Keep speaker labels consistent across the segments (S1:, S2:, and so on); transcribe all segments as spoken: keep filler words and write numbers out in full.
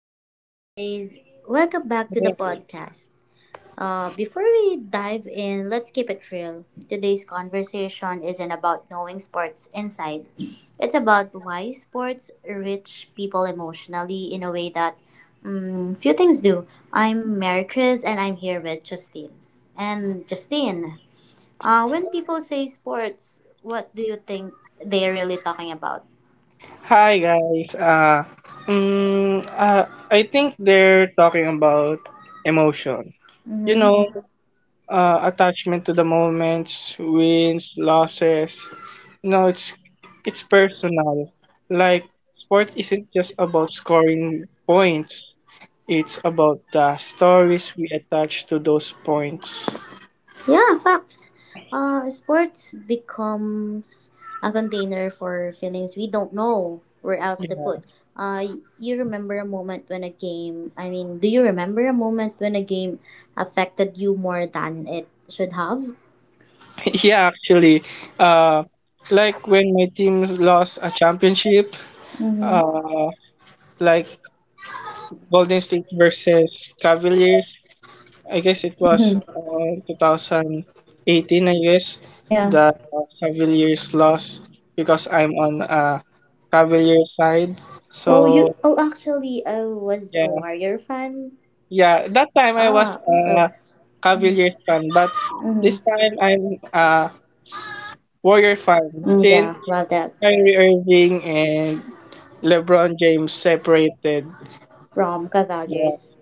S1: What's up, guys? Welcome back to the podcast. Uh, before we dive in, let's keep it real. Today's conversation isn't about knowing sports inside, it's about why sports reach people emotionally in a way that mm, few things do. I'm Mary Chris, and I'm here with Justine. And Justine, uh, when people say sports, what do you think they're really talking about?
S2: Hi guys. Uh, um, uh, I think they're talking about emotion. You know, uh, Attachment to the moments, wins, losses. You know, it's it's personal. Like sports isn't just about scoring points. It's about the stories we attach to those points.
S1: Yeah, facts. Uh, sports becomes a container for feelings we don't know where else to put. Uh, you remember a moment when a game, I mean, Do you remember a moment when a game affected you more than it should have?
S2: Yeah, actually, uh, like when my team lost a championship,
S1: Mm-hmm.
S2: uh, like Golden State versus Cavaliers. I guess it was
S1: Mm-hmm.
S2: uh, twenty eighteen, I guess,
S1: Yeah.
S2: the Cavaliers lost because I'm on a Cavalier side.
S1: Oh,
S2: So,
S1: you, oh, actually, I was a
S2: yeah.
S1: Warrior fan.
S2: Yeah, that time I was
S1: Ah, so,
S2: a
S1: mm-hmm.
S2: Cavaliers fan, but this
S1: Mm-hmm.
S2: time I'm a Warrior fan
S1: Mm, yeah,
S2: since
S1: love that.
S2: Kyrie Irving and LeBron James separated.
S1: From
S2: Yeah.
S1: Cavaliers.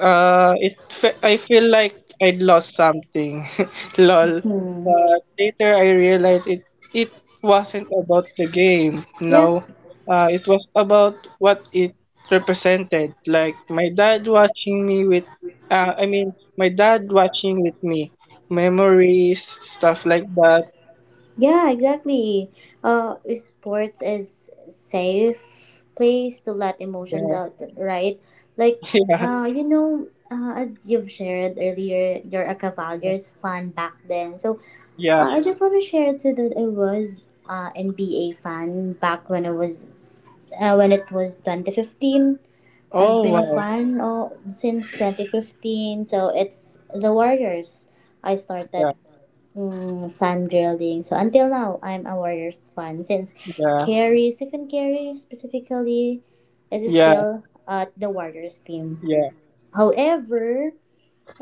S2: Uh, it fe- I feel like I'd lost something, lol.
S1: Hmm.
S2: But later I realized it it wasn't about the game.
S1: Yeah.
S2: No, uh, it was about what it represented. Like my dad watching me with, uh, I mean my dad watching with me, memories, stuff like that.
S1: Yeah, exactly. Uh, sports is safe place to let emotions
S2: Yeah,
S1: out, right? Like,
S2: yeah,
S1: uh, you know, uh, as you've shared earlier, you're a Cavaliers fan back then. So,
S2: yeah.
S1: uh, I just want to share too that I was uh N B A fan back when it was uh, when it was twenty fifteen. I've
S2: Oh
S1: been a
S2: wow.
S1: fan uh, since twenty fifteen. So it's the Warriors. I started
S2: Yeah,
S1: Mm, fan drilling. So until now, I'm a Warriors fan since
S2: yeah,
S1: Kerry, Stephen Kerry specifically, is
S2: yeah,
S1: still at the Warriors team.
S2: yeah,
S1: However,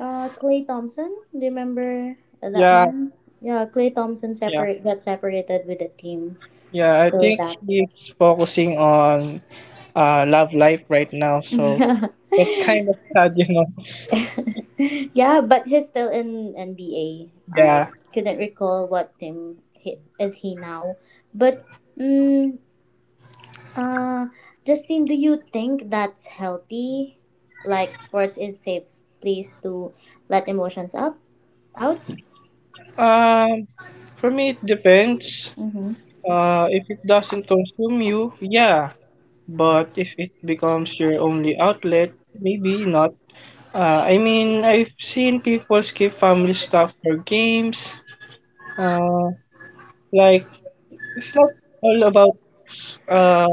S1: uh, Clay Thompson, do you remember that
S2: yeah,
S1: man? Yeah, Clay Thompson
S2: yeah.
S1: separate got separated with the team.
S2: Yeah, I
S1: So
S2: think
S1: that.
S2: he's focusing on uh love life right now, so
S1: Yeah,
S2: that's kind of sad, you know.
S1: yeah, but he's still in N B A. I
S2: Yeah.
S1: couldn't recall what team he, is he now, but. Mm. Uh, Justin, do you think that's healthy? Like sports is safe place to let emotions up out?
S2: Um, for me it depends.
S1: Mm-hmm.
S2: Uh, if it doesn't consume you, yeah. But if it becomes your only outlet, maybe not. Uh, I mean, I've seen people skip family stuff for games. Uh, like it's not all about uh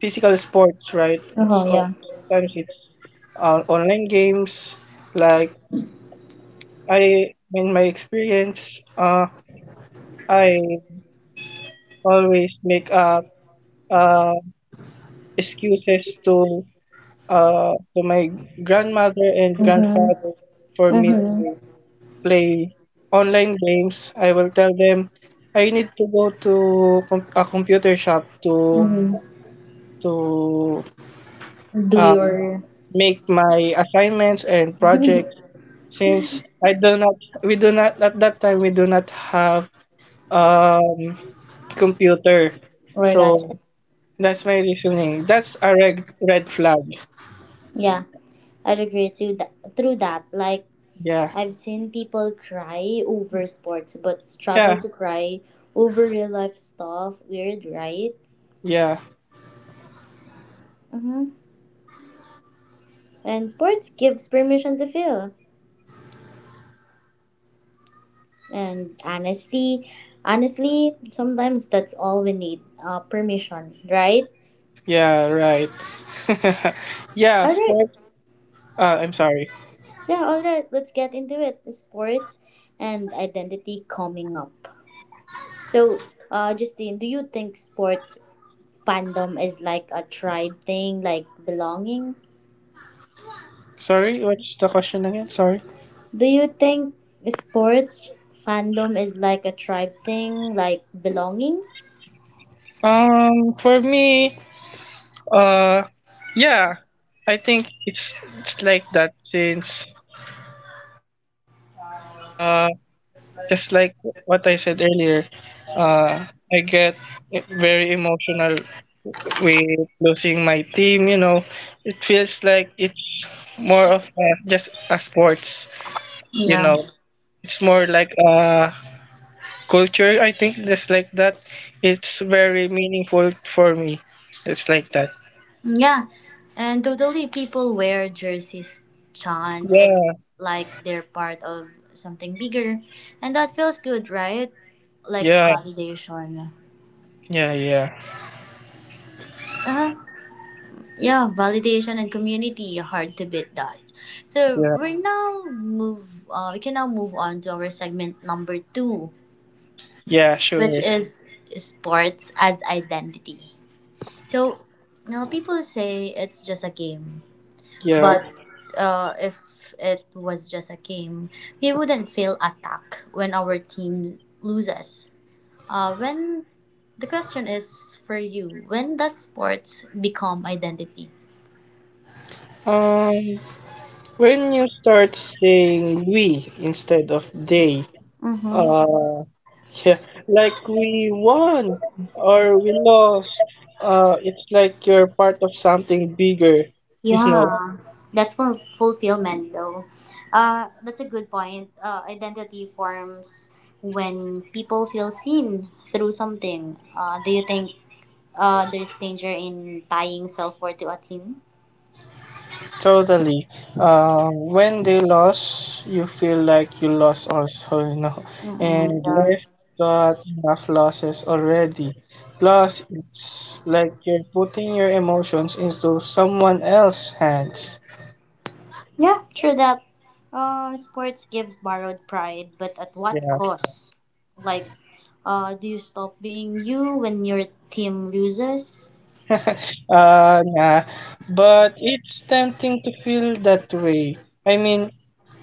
S2: physical sports, right?
S1: Oh
S2: It's all-
S1: yeah.
S2: sometimes it's uh, online games. Like I, in my experience, uh, I always make up uh, excuses to uh, to my grandmother and grandfather
S1: Mm-hmm.
S2: for me
S1: Mm-hmm.
S2: to play online games. I will tell them I need to go to com- a computer shop to
S1: Mm-hmm.
S2: to
S1: Do
S2: uh,
S1: your
S2: make my assignments and projects since I do not we do not at that time we do not have um computer.
S1: or
S2: So
S1: gadgets.
S2: that's my reasoning. That's a red red flag.
S1: Yeah, I'd agree to that, through that. Like
S2: Yeah.
S1: I've seen people cry over sports but struggle
S2: Yeah.
S1: to cry over real life stuff. Weird, right?
S2: Yeah.
S1: Mm-hmm. And sports gives permission to feel. And honestly, honestly, sometimes that's all we need. Uh, permission, right?
S2: Yeah, right. Yeah,
S1: All right.
S2: sports uh I'm sorry.
S1: Yeah, all right. Let's get into it. Sports and identity coming up. So, uh, Justine, do you think sports fandom is like a tribe thing, like belonging?
S2: Sorry, what's the question again? Sorry.
S1: Do you think sports fandom is like a tribe thing, like belonging?
S2: Um for me, uh yeah, I think it's it's like that since uh. just like what I said earlier, uh, I get very emotional with losing my team. You know, it feels like it's more of a, just a sports. You
S1: Yeah.
S2: know, it's more like a culture. I think just like that. It's very meaningful for me. It's like that.
S1: Yeah, and totally people wear jerseys chant. It's
S2: Yeah,
S1: like they're part of something bigger, and that feels good, right? Like
S2: yeah,
S1: validation.
S2: yeah, yeah,
S1: Uh, huh. Yeah, validation and community hard to beat that. So
S2: yeah,
S1: we're now move. Uh, we can now move on to our segment number two,
S2: yeah. Sure.
S1: which is sports as identity. So now people say it's just a game, but
S2: Yeah.
S1: uh, if it was just a game, we wouldn't feel attacked when our team loses. Uh, when The question is for you, when does sports become identity?
S2: Um, when you start saying we instead of they,
S1: Mm-hmm.
S2: Uh, yeah, like we won or we lost. Uh, it's like you're part of something bigger, you know.
S1: Yeah, that's ful- Fulfillment though. Uh, that's a good point. Uh, identity forms when people feel seen through something. Uh, do you think uh, there's danger in tying self worth to a team?
S2: Totally. Uh, when they lost, you feel like you lost also, you know,
S1: Mm-mm.
S2: and left got enough losses already. Plus, it's like you're putting your emotions into someone else's hands.
S1: Yeah, true that. Uh, sports gives borrowed pride, but at what
S2: Yeah.
S1: cost? Like, uh, do you stop being you when your team loses?
S2: Uh, nah, but it's tempting to feel that way. I mean,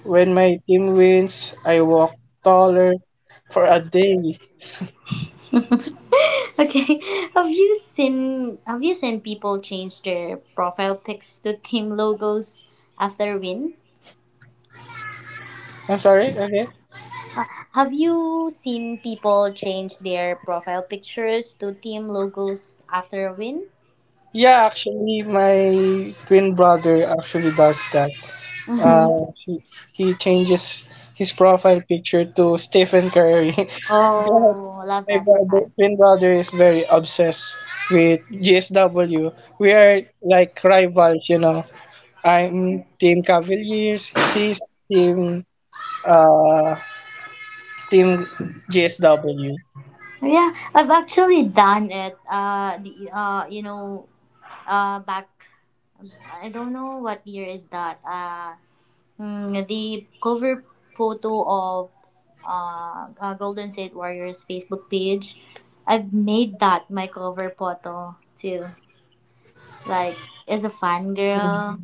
S2: when my team wins, I walk taller for a day.
S1: Okay, have you seen have you seen people change their profile pics to team logos after a win?
S2: I'm sorry, okay?
S1: Uh, have you seen people change their profile pictures to team logos after a win?
S2: Yeah, actually, my twin brother actually does that.
S1: Mm-hmm.
S2: Uh, he, he changes his profile picture to Stephen Curry because
S1: Oh, love
S2: my
S1: that for
S2: brother,
S1: us.
S2: twin brother is very obsessed with G S W. We are like rivals, you know. I'm Team Cavaliers. He's Team uh Team G S W.
S1: Yeah, I've actually done it. Uh, the uh, you know, uh, back I don't know what year is that. Uh, mm, the cover photo of uh, uh Golden State Warriors Facebook page. I've made that my cover photo too. Like as a fan girl,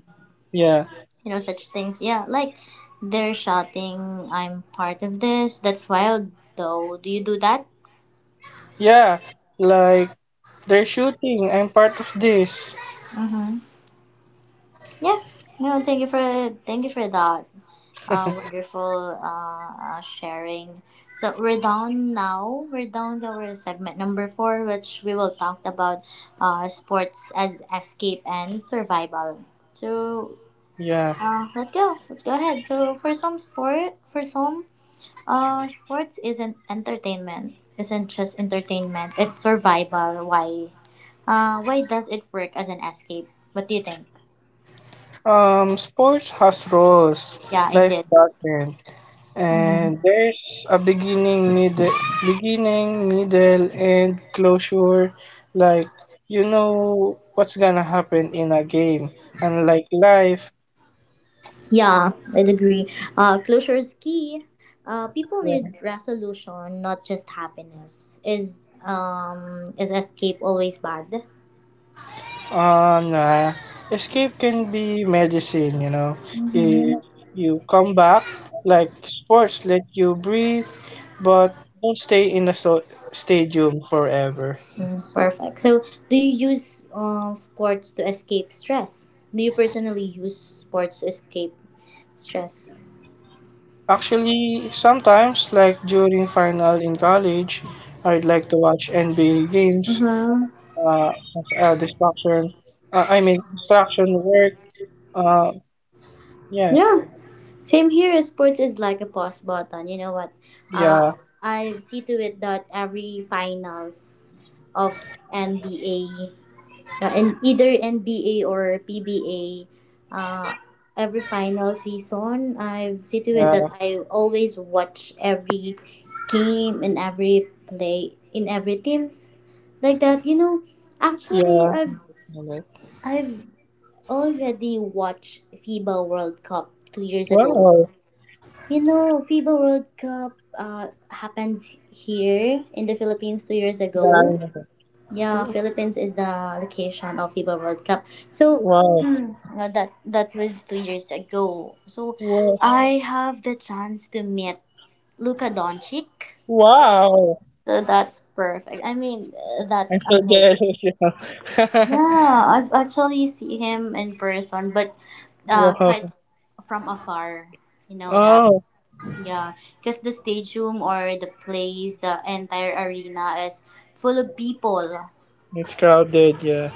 S2: Yeah,
S1: you know such things. Yeah, like they're shouting, "I'm part of this." That's wild, though. Do you do that?
S2: yeah. Like they're shooting. I'm part of this.
S1: Mm-hmm. Yeah. No, thank you for thank you for that. Uh, wonderful uh, uh, sharing. So we're down now. We're down to our segment number four, which we will talk about uh, sports as escape and survival. So
S2: Yeah.
S1: uh, let's go. Let's go ahead. So for some sport, for some, uh, sports isn't entertainment. Isn't just entertainment. It's survival. Why? Uh, why does it work as an escape? What do you think?
S2: Um, sports has roles.
S1: Yeah,
S2: Life
S1: indeed.
S2: doesn't. And
S1: Mm-hmm.
S2: there's a beginning, middle, beginning, middle, and closure. Like you know what's gonna happen in a game, unlike life.
S1: Yeah, I'd agree. Uh, closure is key. Uh, people
S2: Yeah.
S1: need resolution, not just happiness. Is um is escape always bad?
S2: Uh, nah. Escape can be medicine, you know.
S1: Mm-hmm.
S2: If you come back, like sports let you breathe, but don't stay in the so- stadium forever.
S1: Mm, perfect. So, do you use uh, sports to escape stress? Do you personally use sports to escape stress?
S2: Actually, sometimes, like during final in college, I'd like to watch N B A games
S1: Uh-huh.
S2: uh, as a distraction. Uh, I mean, distraction work. Uh, yeah,
S1: Yeah. Same here. Sports is like a pause button. You know what? Uh,
S2: yeah,
S1: I've see to it that every finals of N B A uh, in either N B A or P B A, uh, every final season, I've situated
S2: yeah,
S1: that I always watch every game and every play in every teams like that. You know, actually,
S2: yeah.
S1: I've I've already watched FIBA World Cup two years ago.
S2: Wow,
S1: You know, FIBA World Cup uh, happens here in the Philippines two years
S2: yeah, I
S1: ago.
S2: know
S1: Yeah,
S2: that.
S1: Philippines is the location of FIBA World Cup. So
S2: Wow.
S1: uh, that that was two years ago. So
S2: Wo-
S1: I have the chance to meet Luka Doncic.
S2: Wow.
S1: So that's perfect. I mean, uh,
S2: I'm
S1: that's
S2: so
S1: amazing.
S2: jealous, you know.
S1: Yeah, I've actually see him in person, but uh,
S2: Wow.
S1: quite from afar. You know that,
S2: Oh,
S1: yeah, because the stadium or the place, the entire arena is full of people.
S2: it's crowded, yeah.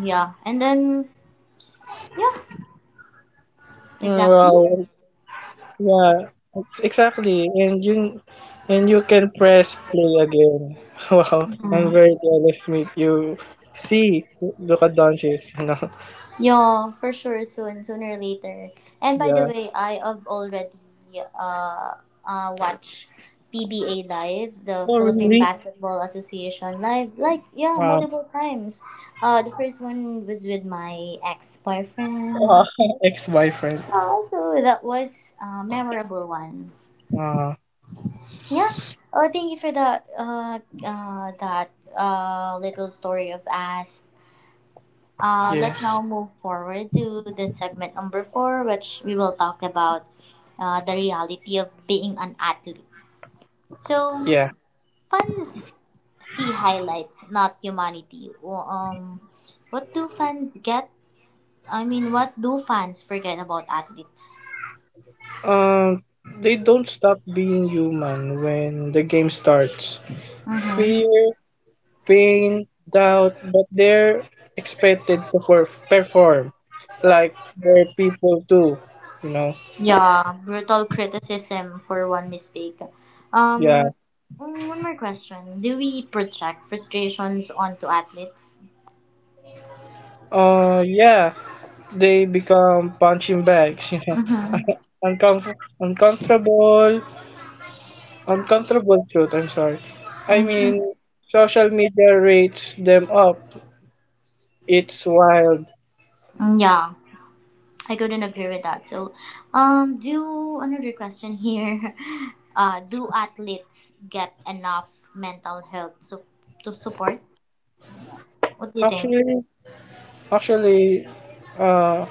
S1: Yeah, and then
S2: Mm,
S1: exactly.
S2: wow. Yeah, it's exactly. And you and you can press play again. Wow. I'm
S1: Mhm.
S2: very jealous with you. See, look at Doncic, you know.
S1: Yeah, for sure. Soon, sooner or later. And by the
S2: Yeah.
S1: way, I have already uh, uh watched P B A live, the
S2: Oh,
S1: Philippine
S2: really?
S1: Basketball Association live. Like yeah,
S2: Wow.
S1: multiple times. Uh, the first one was with my ex boyfriend.
S2: Ah, ex-boyfriend.
S1: Uh, so that was a memorable one.
S2: Ah,
S1: Yeah. Oh, thank you for that. Uh, uh, that uh little story of us. Uh, let's
S2: yes.
S1: now move forward to the segment number four, which we will talk about uh, the reality of being an athlete. So,
S2: Yeah.
S1: fans see highlights, not humanity. Wh- Um, what do fans get? I mean, what do fans forget about athletes?
S2: Um, they don't stop being human when the game starts.
S1: Mm-hmm.
S2: Fear, pain, doubt, but they're expected to for- perform like they're people too, you know.
S1: Yeah, brutal criticism for one mistake.
S2: Yeah.
S1: Um, mm, One more question: Do we project frustrations onto athletes?
S2: Uh, yeah, they become punching bags, you know.
S1: Mm-hmm.
S2: Uncomf- uncomfortable, uncomfortable truth, I'm sorry. I
S1: Interesting.
S2: mean, social media rates them up. It's wild.
S1: Yeah. I couldn't agree with that. So, um, do another question here. Uh, do athletes get enough mental health su- to support? What do you think?
S2: Actually, actually, uh,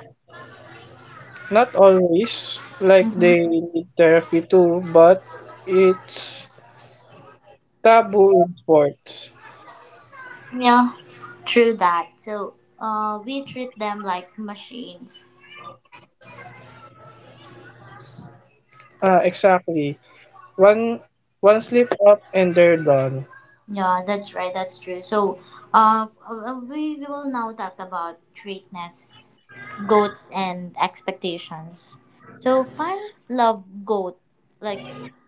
S2: not always, like they
S1: Mhm.
S2: need therapy too, but it's taboo in sports.
S1: Yeah, true that. So, uh, we treat them like machines.
S2: Ah, exactly. One one slip up and they're done.
S1: Yeah, that's right. That's true. So, uh, f- uh, uh, we, we will now talk about greatness, goats, and expectations. So, fans love goat. Like,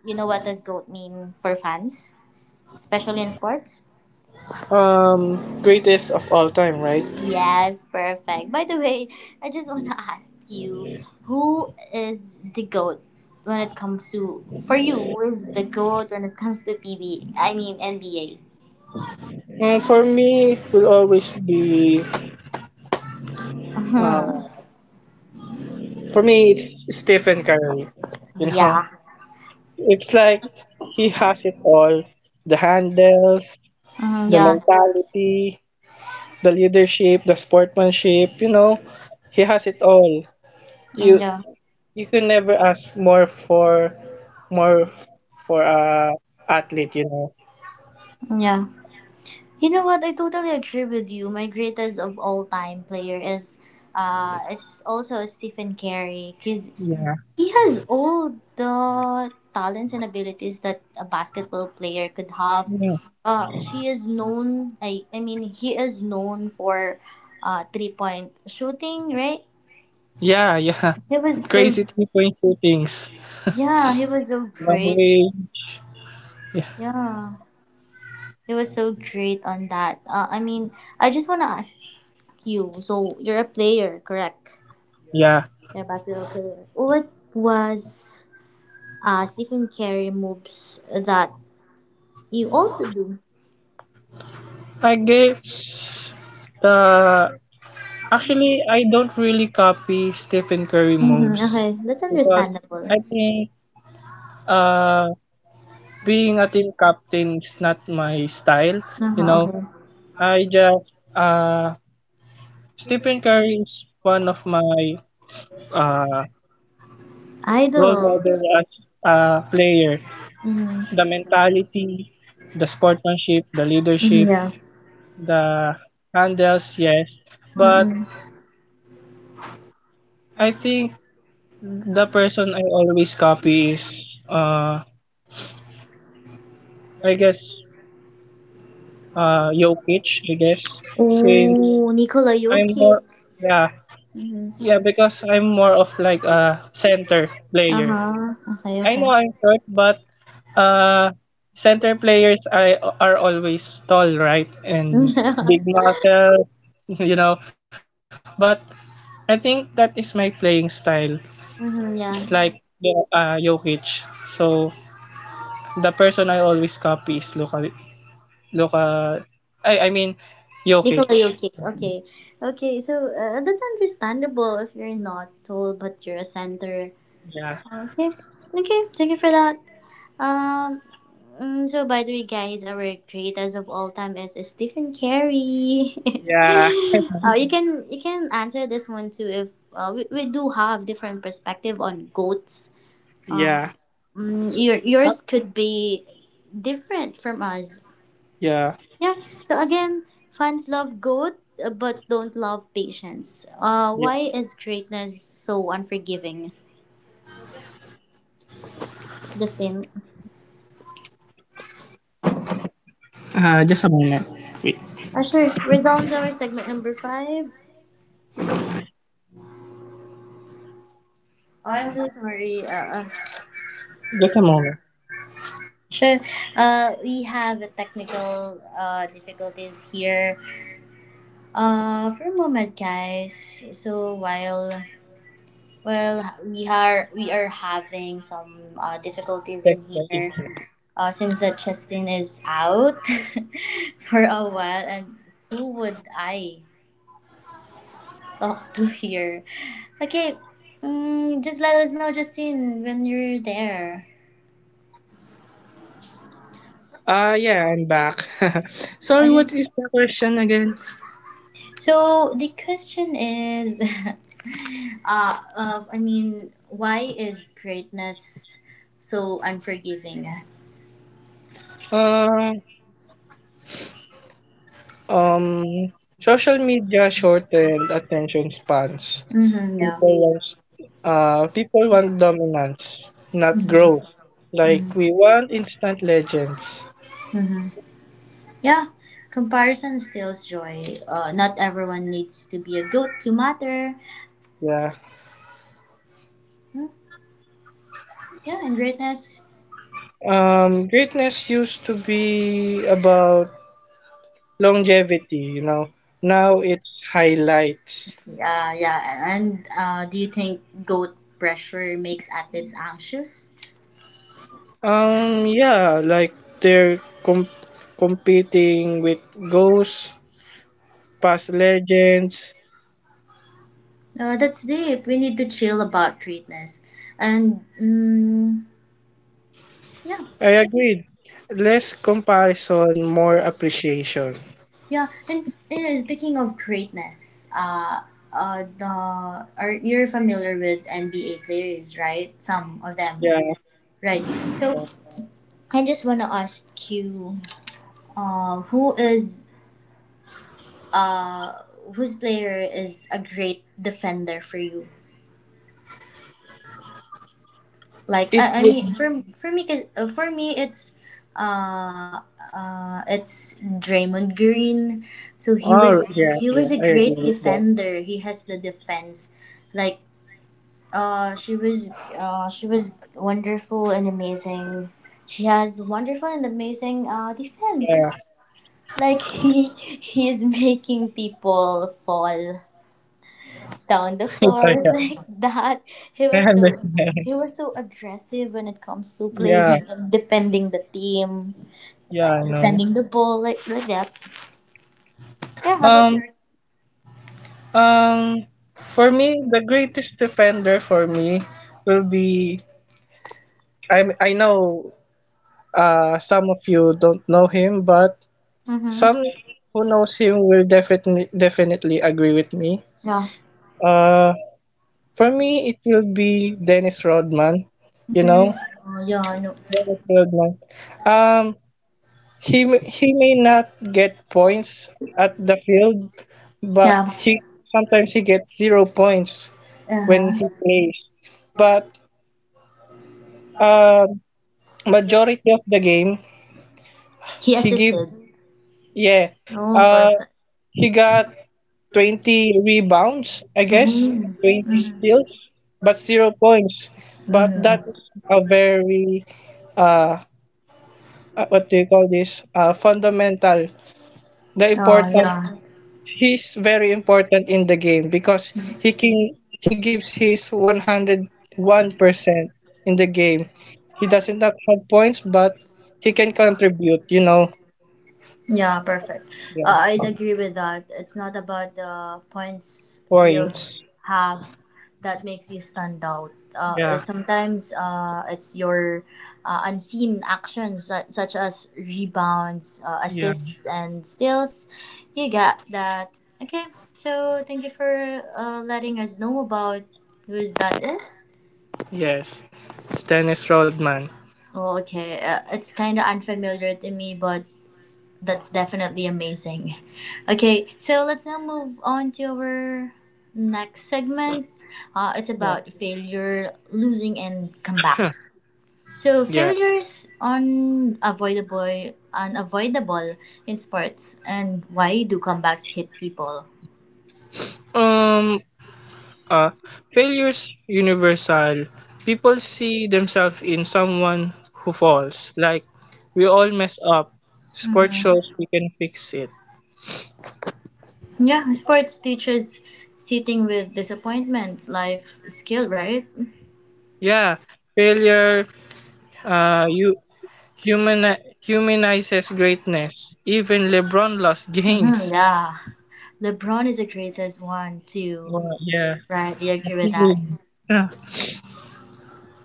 S1: you know what does goat mean for fans, especially in sports?
S2: Um, greatest of all time, right?
S1: Yes, perfect. By the way, I just want to ask you, who is the goat when it comes to for you? Who is the goat when it comes to P B? Mean N B A.
S2: Mm, for me, will always be. Uh,
S1: Mm-hmm.
S2: for me, it's Stephen Curry. You know,
S1: Yeah.
S2: it's like he has it all: the handles,
S1: Mm-hmm,
S2: the
S1: yeah.
S2: mentality, the leadership, the sportsmanship, you know, he has it all. You
S1: Yeah,
S2: you can never ask more for more for a athlete, you know.
S1: yeah. You know what? I totally agree with you. My greatest of all time player is, uh, is also Stephen Curry because
S2: Yeah.
S1: he has all the talents and abilities that a basketball player could have.
S2: Yeah.
S1: Uh, she is known. I I mean, He is known for, uh, three point shooting. Right?
S2: Yeah, yeah.
S1: He was so
S2: Crazy three point shootings.
S1: yeah. He was so
S2: Long
S1: great.
S2: range. Yeah.
S1: Yeah, he was so great on that. Uh, I mean, I just wanna ask. You. So you're a player, correct?
S2: Yeah.
S1: You're a basketball player. What was uh, Stephen Curry moves that you also do?
S2: I guess the actually I don't really copy Stephen Curry
S1: Mm-hmm,
S2: moves
S1: okay, that's
S2: because
S1: understandable.
S2: I think uh being a team captain is not my style, you
S1: Uh-huh,
S2: know.
S1: okay.
S2: I just uh Stephen Curry is one of my uh role model
S1: Idols.
S2: as a player. The
S1: Mm-hmm.
S2: mentality, the sportsmanship, the
S1: Mm-hmm,
S2: leadership,
S1: yeah.
S2: the handles, yes. But
S1: Mm-mm.
S2: I think the person I always copy is uh I guess uh Jokic, I guess. Since
S1: Oh, Nikola
S2: I'm
S1: Jokic.
S2: more yeah.
S1: Mm-hmm.
S2: Yeah, because I'm more of like a center player.
S1: Uh-huh. Okay,
S2: I
S1: okay.
S2: know I'm short, but uh, center players I, are always tall, right? And
S1: Mm-hmm,
S2: big muscles, you know. But I think that is my playing style. It's like
S1: yeah.
S2: uh, Jokic. So the person I always copy is Luka. Luka. I I mean
S1: Nikola
S2: Jokic.
S1: Jokic. Okay. Okay, so uh, that's understandable if you're not tall but you're a center.
S2: Yeah.
S1: Okay, okay, thank you for that. Um, mm, so by the way, guys, our great as of all time is Stephen Carey.
S2: Yeah.
S1: Uh, you can you can answer this one too if uh, we, we do have different perspective on goats. Uh,
S2: Yeah.
S1: mm, your yours could be different from us.
S2: Yeah.
S1: Yeah. So again, fans love goat uh, but don't love patience. Uh,
S2: Yeah.
S1: why is greatness so unforgiving, Justin?
S2: Uh, just a moment. Wait.
S1: Uh, sure. We're down to our segment number five. Oh, I'm
S2: I'm
S1: so
S2: so
S1: sorry. Uh, uh,
S2: Just a moment.
S1: sure. Uh, we have a technical uh, difficulties here. Uh, for a moment, guys. So while while we are we are having some uh, difficulties
S2: Check
S1: in
S2: the
S1: here.
S2: issues.
S1: Uh, seems that Justin is out for a while, and who would I talk to here? Okay, mm, just let us know, Justin, when you're there.
S2: Ah, yeah, I'm back. Sorry,
S1: Okay.
S2: what is the question again?
S1: So the question is, uh, of I mean, why is greatness so unforgiving?
S2: Uh, um, Social media shortened attention spans.
S1: Mm-hmm, yeah.
S2: People want, uh, People want dominance, not
S1: Mm-hmm,
S2: growth.
S1: mm-hmm,
S2: Like we want instant legends.
S1: mm-hmm. Yeah. Comparison steals joy. Uh, not everyone needs to be a goat to matter.
S2: Yeah.
S1: Mm, yeah, and greatness.
S2: Um, greatness used to be about longevity, you know. Now it's highlights.
S1: Yeah, yeah. And uh, do you think goat pressure makes athletes anxious?
S2: Um, yeah, like they're com- competing with ghosts, past legends.
S1: Uh, that's deep. We need to chill about greatness. And mm Yeah,
S2: I agreed. Less comparison, more appreciation.
S1: yeah. And f- eh, speaking of greatness, uh, uh, the are you're familiar with N B A players, right? Some of them,
S2: Yeah,
S1: right? So I just wanna ask you, uh, who is uh, whose player is a great defender for you? Like
S2: it
S1: I, I
S2: would.
S1: mean for for me cause, uh, for me it's uh uh it's Draymond Green. So he
S2: Oh,
S1: was
S2: yeah,
S1: he
S2: yeah,
S1: was a
S2: I agree
S1: great
S2: with that.
S1: defender. He has the defense. Like uh she was uh she was wonderful and amazing. She has wonderful and amazing uh
S2: Yeah,
S1: defense. Like he he is making people fall down the floors
S2: yeah,
S1: like that. He
S2: I
S1: was so
S2: understand.
S1: he was so aggressive when it comes to
S2: Yeah,
S1: playing and defending the team,
S2: yeah, I
S1: uh,
S2: know.
S1: defending the ball like like that. Yeah, how about
S2: Um,
S1: yours?
S2: um, for me, the greatest defender for me will be. I I know Uh, some of you don't know him, but
S1: Mm-hmm.
S2: some who knows him will definitely definitely agree with me.
S1: Yeah.
S2: Uh, for me, it will be Dennis Rodman. You know,
S1: Then, oh, yeah, no.
S2: Dennis Rodman. Um, he m- he may not get points at the field, but
S1: Yeah.
S2: he sometimes he gets zero points when
S1: Uh,
S2: he plays. But um, majority of the game,
S1: he
S2: he give
S1: assisted.
S2: yeah.
S1: Oh,
S2: Uh,
S1: perfect.
S2: he got twenty rebounds, I guess,
S1: Mm-hmm.
S2: twenty steals, but zero points. But that
S1: Mm-hmm.
S2: is a very, uh, uh, what do you call this? Uh, fundamental. The
S1: Oh,
S2: important,
S1: yeah.
S2: he's very important in the game because he can, he gives his one hundred one percent in the game. He doesn't not have points, but he can contribute, you know,
S1: Yeah, perfect.
S2: yeah,
S1: Uh, I'd agree with that. It's not about the points you
S2: points.
S1: have that makes you stand out. Uh,
S2: Yeah,
S1: it sometimes uh, it's your uh, unseen actions su- such as rebounds, uh,
S2: yeah,
S1: assists, and steals. You get that. Okay, so thank you for uh, letting us know about who is that is.
S2: yes. It's Dennis Rodman.
S1: Oh, okay, uh, it's kind of unfamiliar to me, but that's definitely amazing. Okay, so let's now move on to our next segment. Uh, it's about failure, losing, and
S2: Huh,
S1: comebacks. So
S2: yeah.
S1: failures unavoidable, unavoidable in sports, and why do comebacks hit people?
S2: Um, uh, Failure's universal. People see themselves in someone who falls. Like, we all mess up. Sport shows
S1: Mhm.
S2: we can fix it.
S1: Yeah, sports teaches sitting with disappointments, life skill, right?
S2: Yeah, failure uh, you human humanizes greatness. Even LeBron lost
S1: Mm-hmm,
S2: games.
S1: yeah, LeBron is the greatest one too,
S2: Well, yeah.
S1: right? Do you agree with that?
S2: Yeah.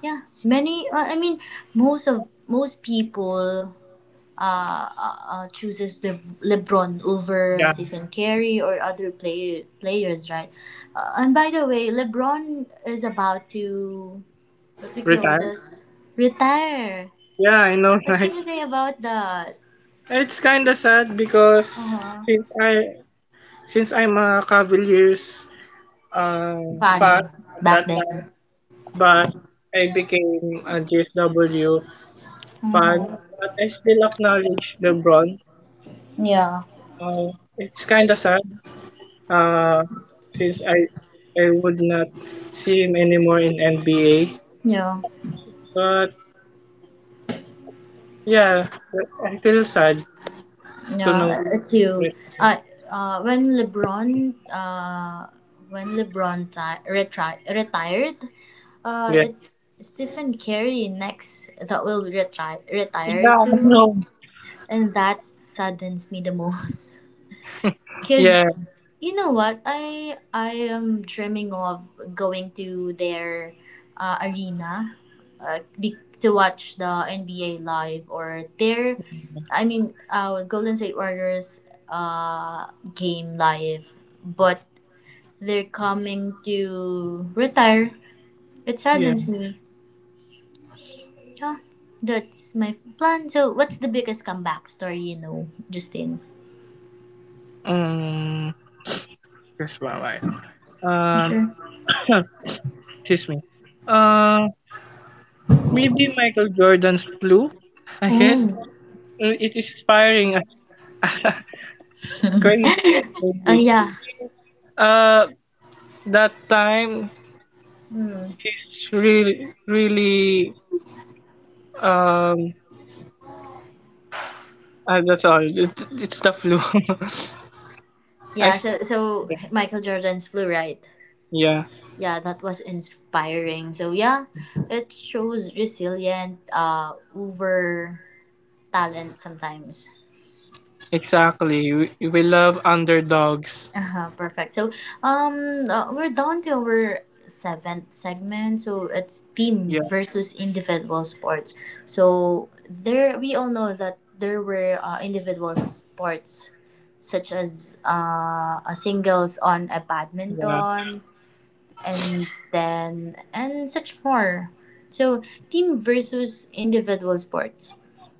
S1: Yeah, many. Uh, I mean, most of most people uh, uh uh, chooses Le- LeBron over
S2: Yeah.
S1: Stephen Curry or other play- players, right? Uh, and by the way, LeBron is about to, what do you call
S2: Retire.
S1: this? Retire.
S2: Yeah, I know,
S1: What
S2: right?
S1: can you say about that?
S2: It's kind of sad because
S1: Uh-huh.
S2: since I since I'm a Cavaliers um,
S1: Fun
S2: fan at
S1: back
S2: that time,
S1: then.
S2: but I became a J S W fan.
S1: Mm-hmm.
S2: But I still acknowledge LeBron.
S1: Yeah.
S2: Uh, it's kind of sad uh, since I, I would not see him anymore in N B A.
S1: Yeah.
S2: But yeah, I feel sad to
S1: Yeah,
S2: know.
S1: uh, too.
S2: that-
S1: Uh, uh, when LeBron, uh, when LeBron ti- retri- retired, uh,
S2: Yeah,
S1: it's Stephen Curry next that will retri- retire
S2: yeah, I
S1: too,
S2: know.
S1: and that saddens me the most. Cause
S2: Yeah,
S1: you know what? I I am dreaming of going to their uh, arena, uh, be, to watch the N B A live, or their, I mean, uh, Golden State Warriors uh, game live. But they're coming to retire. It
S2: yeah.
S1: saddens me. Yeah, that's my plan. So, what's the biggest comeback story you know, Justin?
S2: Um, that's why. Um,
S1: Sure.
S2: excuse me. Uh, maybe Michael Jordan's Blue, I guess.
S1: Oh.
S2: Uh, It is inspiring as crazy as
S1: uh,
S2: crazy.
S1: yeah.
S2: Uh, that time
S1: Hmm.
S2: it's really, really, um, uh, that's all. It, it's the flu. I,
S1: Yeah,
S2: s-
S1: so so Michael Jordan's flu, right?
S2: yeah,
S1: Yeah, that was inspiring. So yeah, it shows resilient uh over talent sometimes.
S2: exactly. We, we love underdogs.
S1: Uh-huh, perfect. So um uh, we're down to our seventh segment. So it's team
S2: Yeah,
S1: versus individual sports. So there we all know that there were uh, individual sports such as uh, a singles on a
S2: yeah.
S1: badminton and then and such more. So team versus individual sports,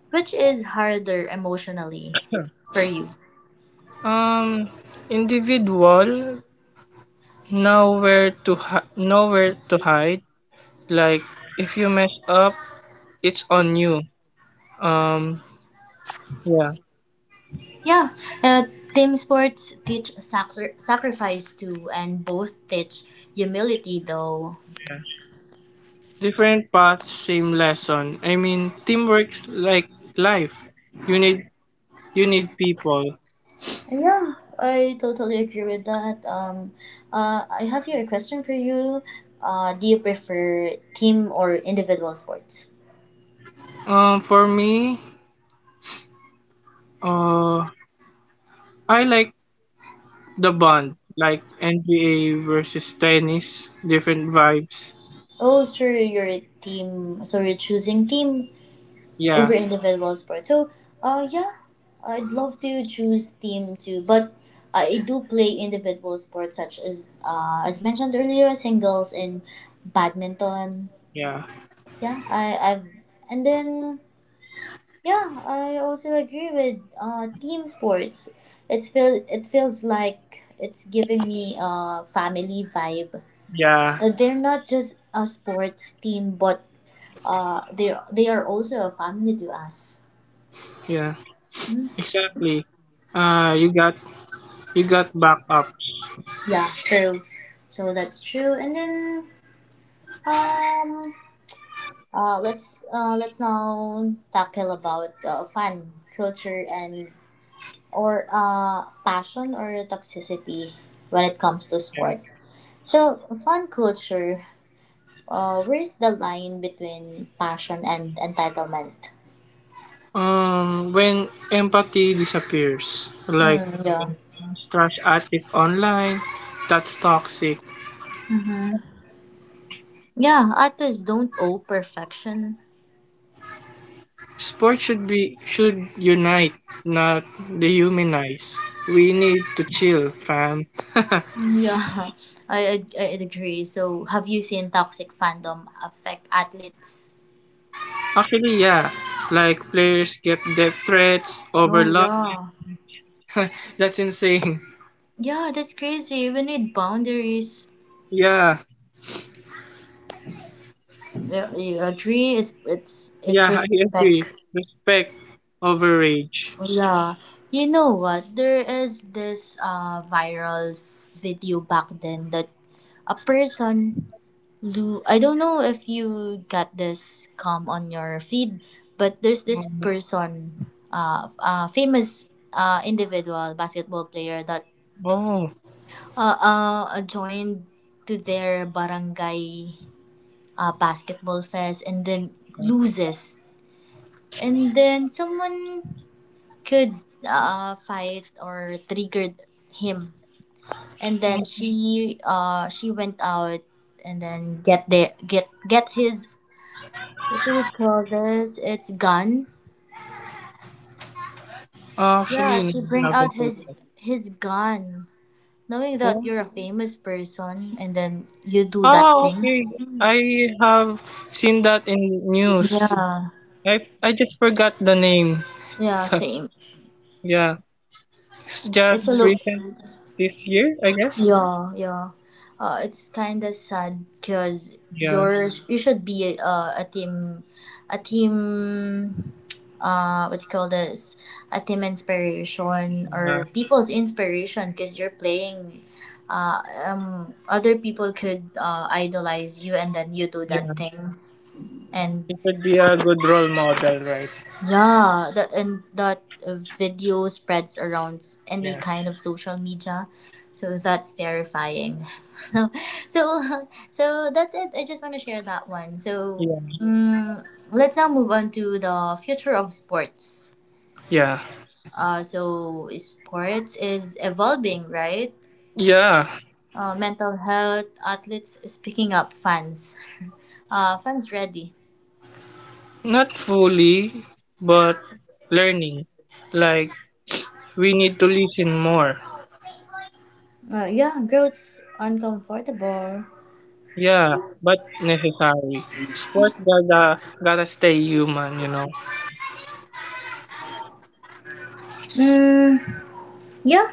S1: which is harder emotionally for you?
S2: Um, individual, nowhere to hi- nowhere to hide. Like if you mess up, it's on you. Um, yeah.
S1: Yeah, uh, team sports teach sacri- sacrifice too, and both teach humility though.
S2: Different paths, same lesson. I mean, teamwork's like life. You need you need people.
S1: Yeah, I totally agree with that. Um, uh, I have here a question for you. Uh, do you prefer team or individual sports?
S2: Um, for me, uh, I like the bond, like N B A versus tennis, different vibes.
S1: Oh, sure, you're a team. So you're choosing team
S2: Yeah,
S1: over individual sports. So, uh, yeah, I'd love to choose team too, but I do play individual sports such as uh, as mentioned earlier, singles and badminton.
S2: yeah,
S1: Yeah, I I've and then yeah, I also agree with uh team sports. It feels it feels like it's giving me a family vibe.
S2: yeah,
S1: Uh, they're not just a sports team, but uh they they are also a family to us.
S2: yeah.
S1: Hmm.
S2: Exactly. Uh, you got you got backups.
S1: Yeah, true. So that's true. And then um uh let's uh let's now tackle about uh, fan culture and or uh passion or toxicity when it comes to sport. So fan culture, uh where is the line between passion and entitlement?
S2: Um, when empathy disappears, like
S1: Mm, yeah.
S2: when fans trash artists online, that's toxic.
S1: Mm-hmm. Yeah, artists don't owe perfection.
S2: Sports should be should unite, not dehumanize. We need to chill, fam.
S1: Mm, yeah, I, I I agree. So, have you seen toxic fandom affect athletes?
S2: Actually, yeah, like players get death threats,
S1: Oh,
S2: overload.
S1: yeah.
S2: That's insane.
S1: Yeah, that's crazy. We need boundaries.
S2: Yeah,
S1: Yeah, you agree? It's it's it's
S2: yeah, I agree.
S1: respect.
S2: Respect over rage.
S1: Yeah, you know what? There is this uh viral video back then that a person, Lu, I don't know if you got this come on your feed, but there's this person, uh, uh famous uh individual basketball player that
S2: Oh,
S1: uh, uh joined to their barangay uh, basketball fest and then loses, and then someone could uh fight or triggered him, and then she uh she went out and then get there get get his, what do we call this? It's gun. Yeah,
S2: actually, no,
S1: she
S2: I
S1: bring
S2: haven't
S1: out
S2: heard
S1: his
S2: that.
S1: his gun. Knowing that
S2: What?
S1: you're a famous person and then you do that
S2: Oh,
S1: thing.
S2: okay. I have seen that in news.
S1: Yeah.
S2: I I just forgot the name.
S1: Yeah,
S2: So
S1: same.
S2: yeah, it's
S1: It's a
S2: just
S1: low.
S2: recent this year, I guess.
S1: Yeah, yeah. Uh, it's kind of sad because
S2: Yeah,
S1: you're you should be uh, a team, a team. Uh, what do you call this? A team inspiration
S2: yeah,
S1: or people's inspiration because you're playing. Uh, um, other people could uh, idolize you, and then you do that
S2: yeah.
S1: thing, and
S2: It would be a good role model, right?
S1: yeah, that and that uh, video spreads around any
S2: Yeah,
S1: kind of social media, so that's terrifying. So, so, so that's it. I just want to share that one. So,
S2: yeah,
S1: mm, let's now move on to the future of sports.
S2: yeah,
S1: Uh, so sports is evolving, right?
S2: yeah.
S1: Uh, mental health, athletes is picking up, fans, uh, fans ready.
S2: Not fully, but learning. Like we need to listen more.
S1: Uh, yeah, growth's uncomfortable.
S2: Yeah, but necessary. Sports gotta gotta stay human, you know.
S1: Mm, yeah.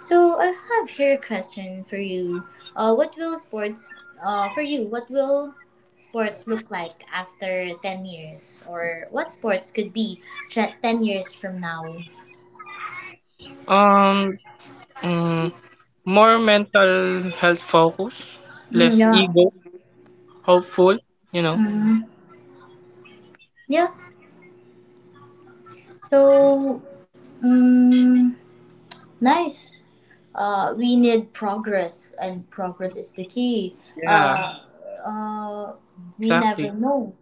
S1: So I have here a question for you. Uh, what will sports, uh, for you? What will sports look like after ten years, or what sports could be tre- ten years from now?
S2: Um, Mm, more mental health focus,
S1: Mm,
S2: less
S1: yeah.
S2: ego, hopeful, you know.
S1: Mm, yeah. So, mm, nice. Uh, we need progress, and progress is the key.
S2: Yeah,
S1: Uh, uh, we never
S2: exactly.
S1: know.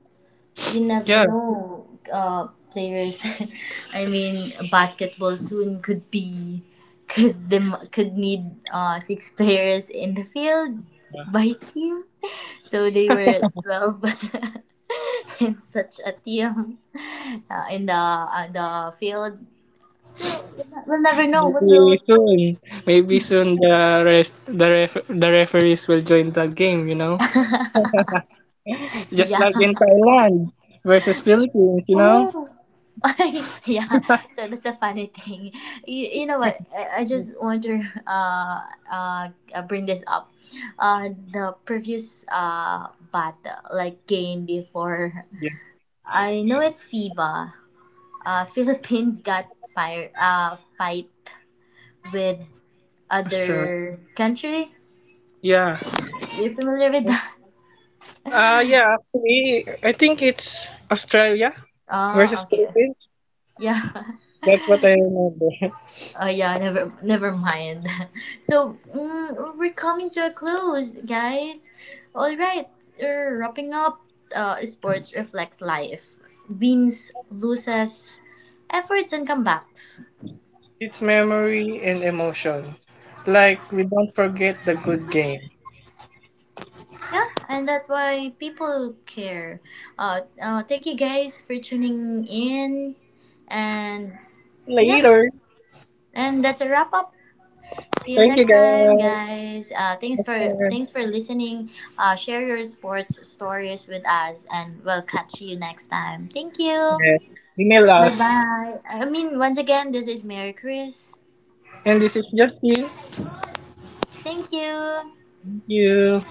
S1: We never
S2: Yeah.
S1: know uh, players. I mean basketball soon could be could them could need uh, six players in the field by team, so they were twelve in such a team, uh, in the uh, the field. So we'll never know what
S2: Maybe
S1: will
S2: soon. Maybe soon the rest the ref, the referees will join the game, you know. Just
S1: yeah,
S2: like in Thailand versus Philippines, you know.
S1: oh yeah, so that's a funny thing. You, you know what? I, I just want to uh, uh, uh, bring this up. Uh, the previous uh, battle, like game before,
S2: Yes.
S1: I know it's FIBA. Uh, Philippines got fire uh, fight with
S2: Australia.
S1: other country.
S2: Yeah.
S1: You're familiar with that?
S2: Uh yeah, actually I think it's Australia
S1: Oh,
S2: versus
S1: okay.
S2: Philippines.
S1: Yeah.
S2: That's what I remember.
S1: Oh yeah, never never mind. So mm, we're coming to a close, guys. All right, uh, wrapping up. Uh, sports reflects life, wins, loses, efforts, and comebacks.
S2: It's memory and emotion. Like, we don't forget the good game.
S1: Yeah, and that's why people care. Uh, uh, thank you guys for tuning in, and yeah,
S2: Later.
S1: and that's a wrap up. See you
S2: Thank you,
S1: next time,
S2: guys.
S1: guys. Uh, thanks
S2: Uh,
S1: for thanks for listening. Uh, share your sports stories with us, and we'll catch you next time. Thank you.
S2: yes. Email
S1: Bye
S2: us.
S1: bye. I mean, once again, this is Mary Chris.
S2: And this is Justin.
S1: Thank you.
S2: Thank you.